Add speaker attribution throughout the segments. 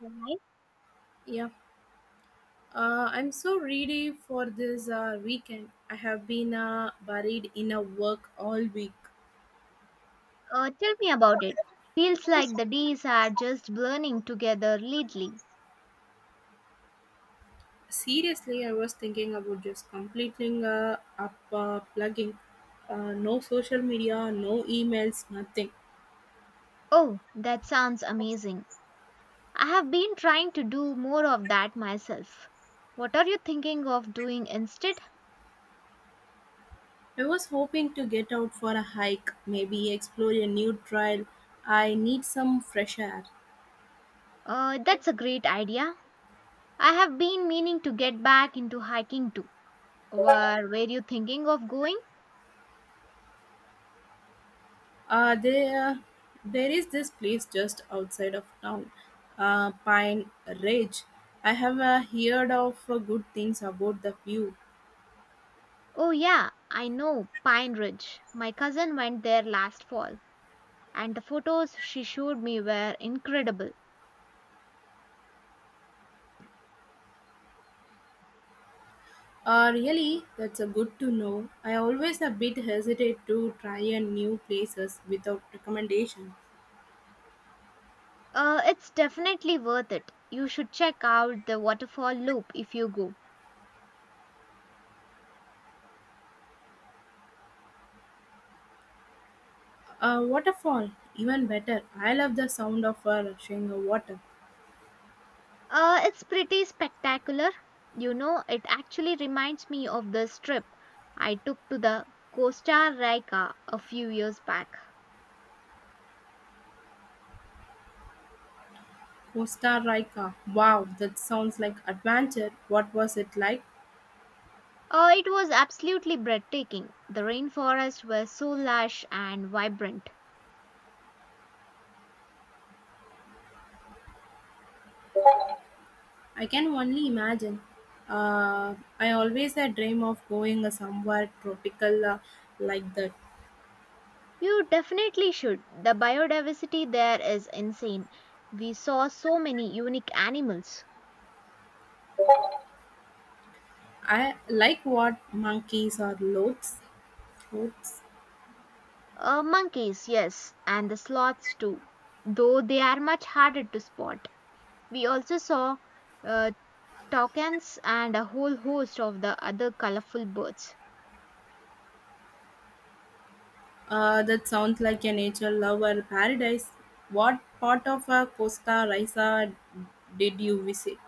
Speaker 1: Right.
Speaker 2: Yeah, I'm so ready for this weekend. I have been buried in a work all week.
Speaker 1: Tell me about it. Feels like the days are just blurring together lately.
Speaker 2: Seriously, I was thinking about just completing up plugging. No social media, no emails, nothing.
Speaker 1: Oh, that sounds amazing. I have been trying to do more of that myself. What are you thinking of doing instead?
Speaker 2: I was hoping to get out for a hike, maybe explore a new trail. I need some fresh air.
Speaker 1: That's a great idea. I have been meaning to get back into hiking too. Where were you thinking of going?
Speaker 2: Uh, there, there is this place just outside of town, Pine Ridge. I have heard of good things about the view.
Speaker 1: Oh, yeah, I know, Pine Ridge. My cousin went there last fall, and the photos she showed me were incredible.
Speaker 2: Really, that's a good to know. I always a bit hesitate to try a new places without recommendation.
Speaker 1: It's definitely worth it. You should check out the waterfall loop if you go.
Speaker 2: Waterfall, even better. I love the sound of a rushing water.
Speaker 1: It's pretty spectacular. You know, it actually reminds me of this trip I took to the Costa Rica a few years back.
Speaker 2: Costa Rica. Wow, that sounds like adventure. What was it like?
Speaker 1: It was absolutely breathtaking. The rainforests were so lush and vibrant.
Speaker 2: I can only imagine. I always had dream of going somewhere tropical like that.
Speaker 1: You definitely should. The biodiversity there is insane. We saw so many unique animals.
Speaker 2: I like what monkeys or loads. Loads.
Speaker 1: Monkeys, yes, and the sloths too, though they are much harder to spot. We also saw uh, toucans and a whole host of the other colorful birds.
Speaker 2: That sounds like a nature lover paradise. What part of Costa Rica did you visit?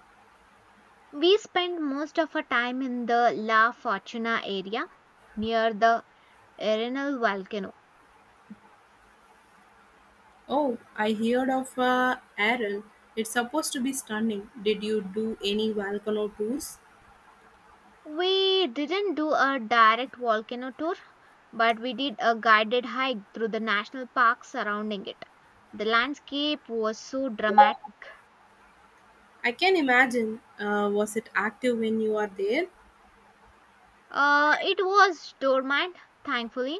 Speaker 1: We spent most of our time in the La Fortuna area near the Arenal volcano.
Speaker 2: Oh, I heard of Aral. It's supposed to be stunning. Did you do any volcano tours?
Speaker 1: We didn't do a direct volcano tour, but we did a guided hike through the national park surrounding it. The landscape was so dramatic.
Speaker 2: I can imagine. Was it active when you are there?
Speaker 1: It was dormant, thankfully,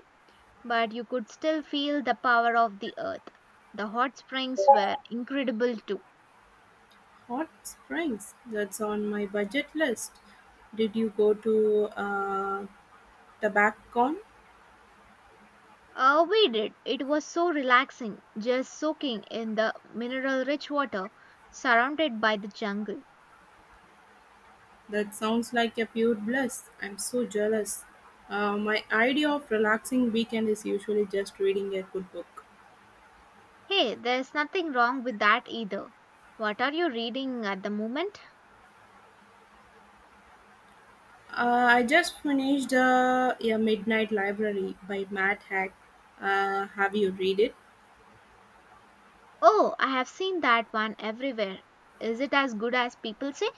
Speaker 1: but you could still feel the power of the earth. The hot springs were incredible too.
Speaker 2: Hot Springs, that's on my budget list. Did you go to TobacCon?
Speaker 1: We did. It was so relaxing, just soaking in the mineral rich water surrounded by the jungle.
Speaker 2: That sounds like a pure bliss. I'm so jealous. My idea of relaxing weekend is usually just reading a good book.
Speaker 1: Hey, there's nothing wrong with that either. What are you reading at the moment?
Speaker 2: I just finished A Midnight Library by Matt Haig. Have you read it?
Speaker 1: Oh, I have seen that one everywhere. Is it as good as people say?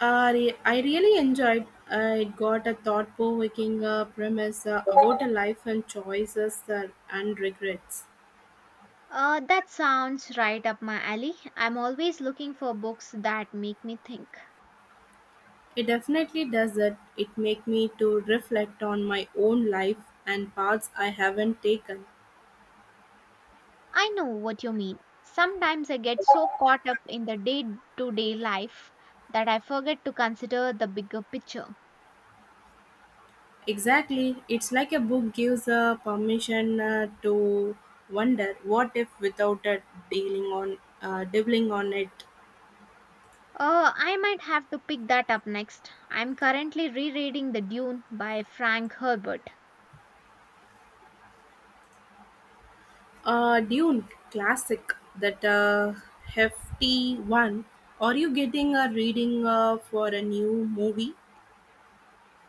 Speaker 2: I really enjoyed. It got a thought-provoking premise about a life and choices and regrets.
Speaker 1: That sounds right up my alley. I'm always looking for books that make me think.
Speaker 2: It definitely does it make me to reflect on my own life and paths I haven't taken.
Speaker 1: I know what you mean. Sometimes I get so caught up in the day to day life that I forget to consider the bigger picture.
Speaker 2: Exactly, it's like a book gives a permission to wonder what if without it dealing on dabbling on it.
Speaker 1: I might have to pick that up next. I'm currently rereading The Dune by Frank Herbert.
Speaker 2: Dune classic that hefty one. Are you getting a reading for a new movie?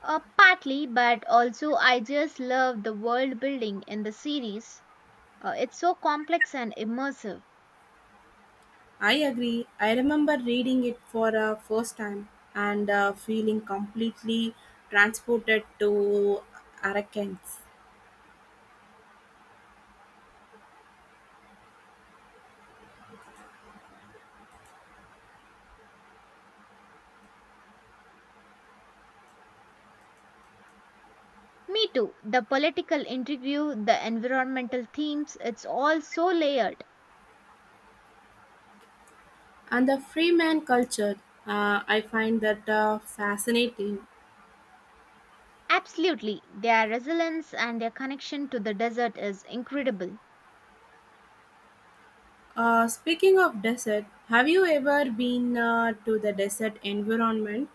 Speaker 1: Partly, but also I just love the world building in the series. It's so complex and immersive.
Speaker 2: I agree. I remember reading it for a first time and feeling completely transported to Arakens
Speaker 1: Me too. The political intrigue, the environmental themes, it's all so layered.
Speaker 2: and the freeman culture. I find that fascinating.
Speaker 1: Absolutely. Their resilience and their connection to the desert is incredible.
Speaker 2: Speaking of desert, have you ever been to the desert environment?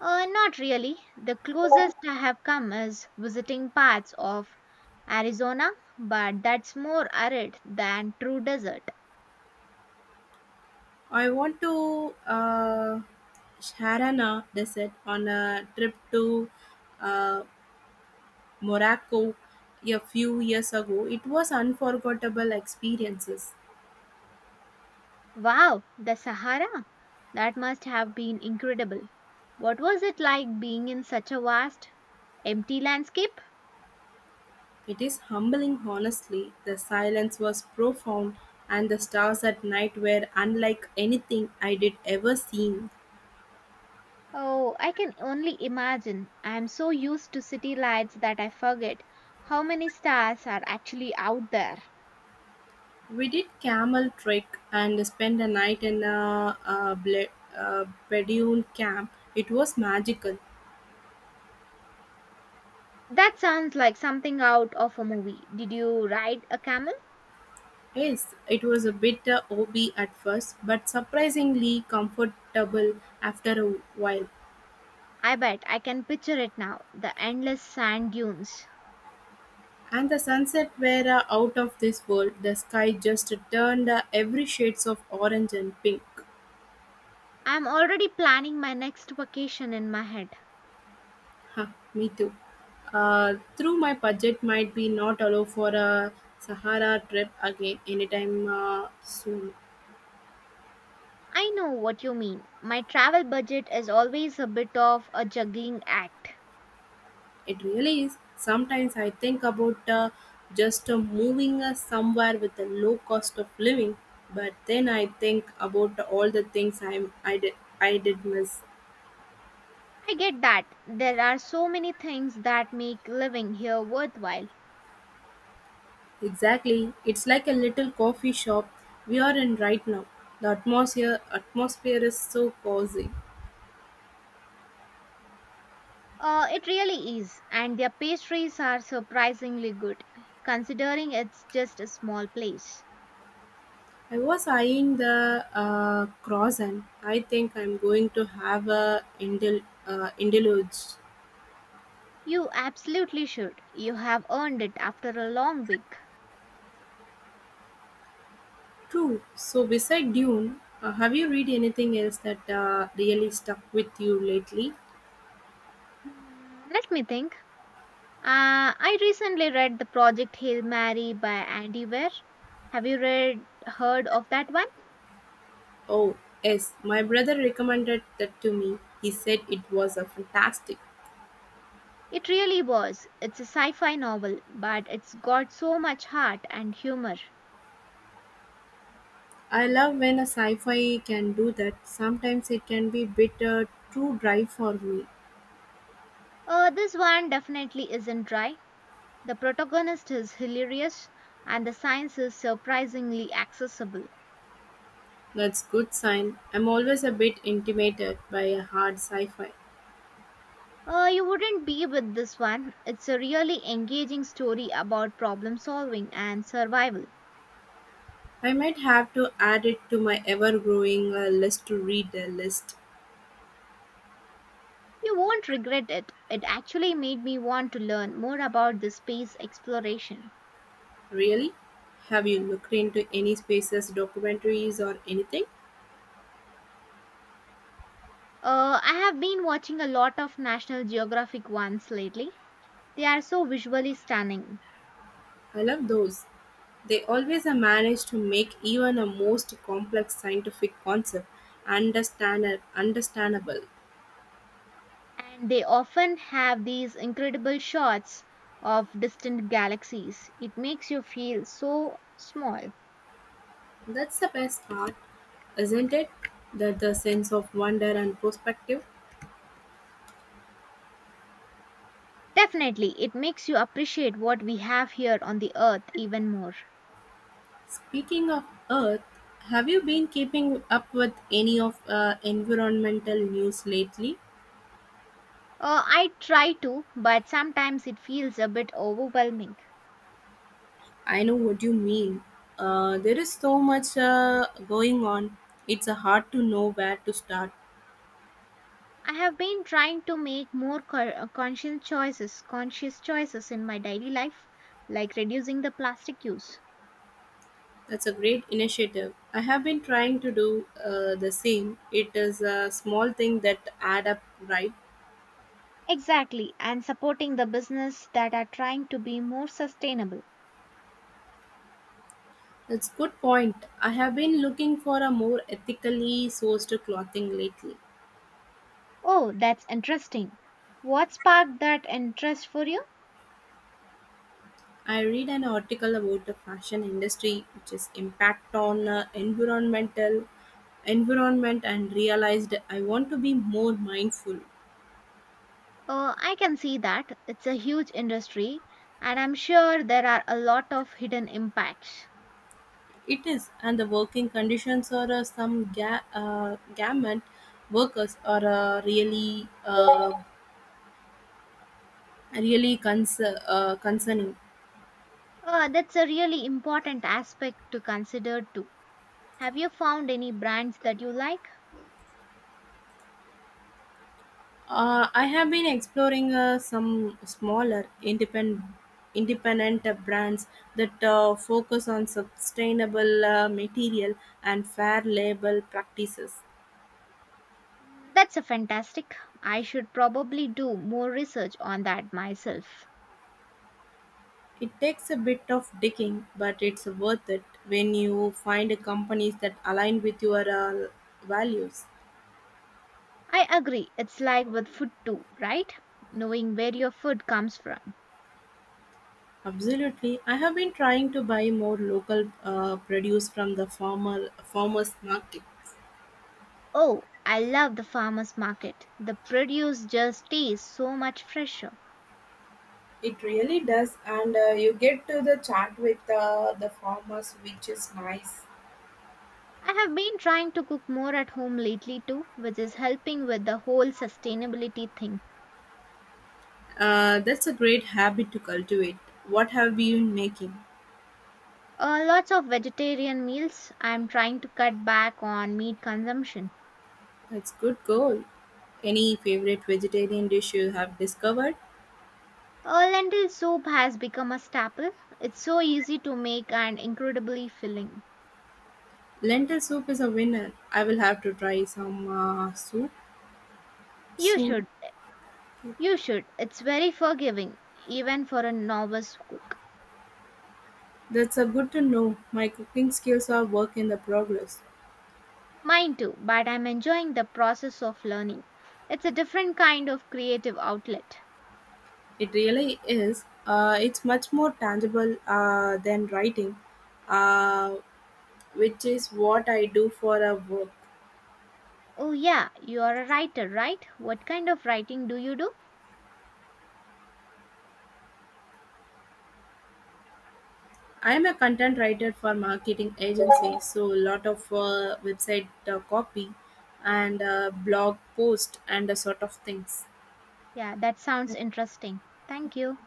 Speaker 1: Not really. The closest I have come is visiting parts of Arizona, but that's more arid than true desert.
Speaker 2: I want to Sharana desert on a trip to uh, Morocco a few years ago, it was unforgettable experiences.
Speaker 1: Wow, the Sahara? That must have been incredible. What was it like being in such a vast, empty landscape?
Speaker 2: It is humbling honestly. The silence was profound and the stars at night were unlike anything I did ever seen.
Speaker 1: Oh, I can only imagine. I'm so used to city lights that I forget how many stars are actually out there.
Speaker 2: We did camel trek and spent a night in a Bedouin camp. It was magical.
Speaker 1: That sounds like something out of a movie. Did you ride a camel?
Speaker 2: Yes, it was a bit OB at first, but surprisingly comfortable after a while.
Speaker 1: I bet I can picture it now the endless sand dunes.
Speaker 2: And the sunset were out of this world. The sky just turned every shades of orange and pink.
Speaker 1: I'm already planning my next vacation in my head.
Speaker 2: Huh, me too. Through my budget might be not allow for a Sahara trip again anytime soon.
Speaker 1: I know what you mean. My travel budget is always a bit of a juggling act.
Speaker 2: It really is. Sometimes I think about just moving somewhere with a low cost of living, but then I think about all the things I did miss.
Speaker 1: I get that. There are so many things that make living here worthwhile.
Speaker 2: Exactly. It's like a little coffee shop we are in right now. The atmosphere is so cozy.
Speaker 1: It really is, and their pastries are surprisingly good, considering it's just a small place.
Speaker 2: I was eyeing the croissant. I think I'm going to have a indulge
Speaker 1: You absolutely should. You have earned it after a long week.
Speaker 2: too. So beside Dune, have you read anything else that really stuck with you lately?
Speaker 1: Hmm, let me think. I recently read The Project Hail Mary by Andy Weir. Have you read heard of that one?
Speaker 2: Oh yes, my brother recommended that to me. He said it was a fantastic.
Speaker 1: It really was. It's a sci-fi novel, but it's got so much heart and humor.
Speaker 2: I love when a sci-fi can do that. Sometimes it can be a bit too dry for me.
Speaker 1: This one definitely isn't dry. The protagonist is hilarious, and the science is surprisingly accessible.
Speaker 2: That's good sign. I'm always a bit intimidated by a hard sci-fi.
Speaker 1: You wouldn't be with this one. It's a really engaging story about problem solving and survival.
Speaker 2: I might have to add it to my ever-growing list to read the list.
Speaker 1: You won't regret it. It actually made me want to learn more about the space exploration.
Speaker 2: Really? Have you looked into any spaces, documentaries, or anything?
Speaker 1: I have been watching a lot of National Geographic ones lately. They are so visually stunning.
Speaker 2: I love those. They always manage to make even a most complex scientific concept understandable.
Speaker 1: And they often have these incredible shots of distant galaxies. It makes you feel so small.
Speaker 2: That's the best part, isn't it? That the sense of wonder and perspective.
Speaker 1: Definitely, it makes you appreciate what we have here on the Earth even more.
Speaker 2: Speaking of Earth, have you been keeping up with any of environmental news lately?
Speaker 1: I try to, but sometimes it feels a bit overwhelming.
Speaker 2: I know what you mean. There is so much going on. It's hard to know where to start.
Speaker 1: I have been trying to make more conscious choices in my daily life, like reducing the plastic use.
Speaker 2: That's a great initiative. I have been trying to do the same. It is a small thing that add up, right?
Speaker 1: Exactly, and supporting the business that are trying to be more sustainable.
Speaker 2: That's good point. I have been looking for a more ethically sourced clothing lately.
Speaker 1: Oh, that's interesting. What sparked that interest for you?
Speaker 2: I read an article about the fashion industry, which is impact on environment, and realized I want to be more mindful.
Speaker 1: Oh, I can see that. It's a huge industry, and I'm sure there are a lot of hidden impacts.
Speaker 2: It is, and the working conditions or some ga- garment workers are really concerning.
Speaker 1: Oh, that's a really important aspect to consider too. Have you found any brands that you like?
Speaker 2: I have been exploring some smaller independent brands that focus on sustainable material and fair labor practices.
Speaker 1: Mm, that's a fantastic. I should probably do more research on that myself.
Speaker 2: It takes a bit of digging, but it's worth it when you find companies that align with your values.
Speaker 1: I agree. It's like with food too, right? Knowing where your food comes from.
Speaker 2: Absolutely, I have been trying to buy more local produce from the farmers markets.
Speaker 1: Oh, I love the farmers market. The produce just tastes so much fresher.
Speaker 2: It really does, and you get to the chat with the farmers, which is nice.
Speaker 1: I have been trying to cook more at home lately too, which is helping with the whole sustainability thing.
Speaker 2: That's a great habit to cultivate. What have you been making?
Speaker 1: Lots of vegetarian meals. I'm trying to cut back on meat consumption.
Speaker 2: That's good goal. Any favorite vegetarian dish you have discovered?
Speaker 1: Lentil soup has become a staple. It's so easy to make and incredibly filling.
Speaker 2: Lentil soup is a winner. I will have to try some soup
Speaker 1: You
Speaker 2: soon.
Speaker 1: should. You should. It's very forgiving, even for a novice cook.
Speaker 2: That's a good to know. My cooking skills are work in the progress.
Speaker 1: Mine too, but I'm enjoying the process of learning. It's a different kind of creative outlet.
Speaker 2: It really is. It's much more tangible than writing. Uh, which is what I do for a work.
Speaker 1: Oh, yeah, you are a writer, right? What kind of writing do you do?
Speaker 2: I'm a content writer for marketing agency, so a lot of website copy and blog post and a sort of things.
Speaker 1: Yeah, that sounds interesting. Thank you.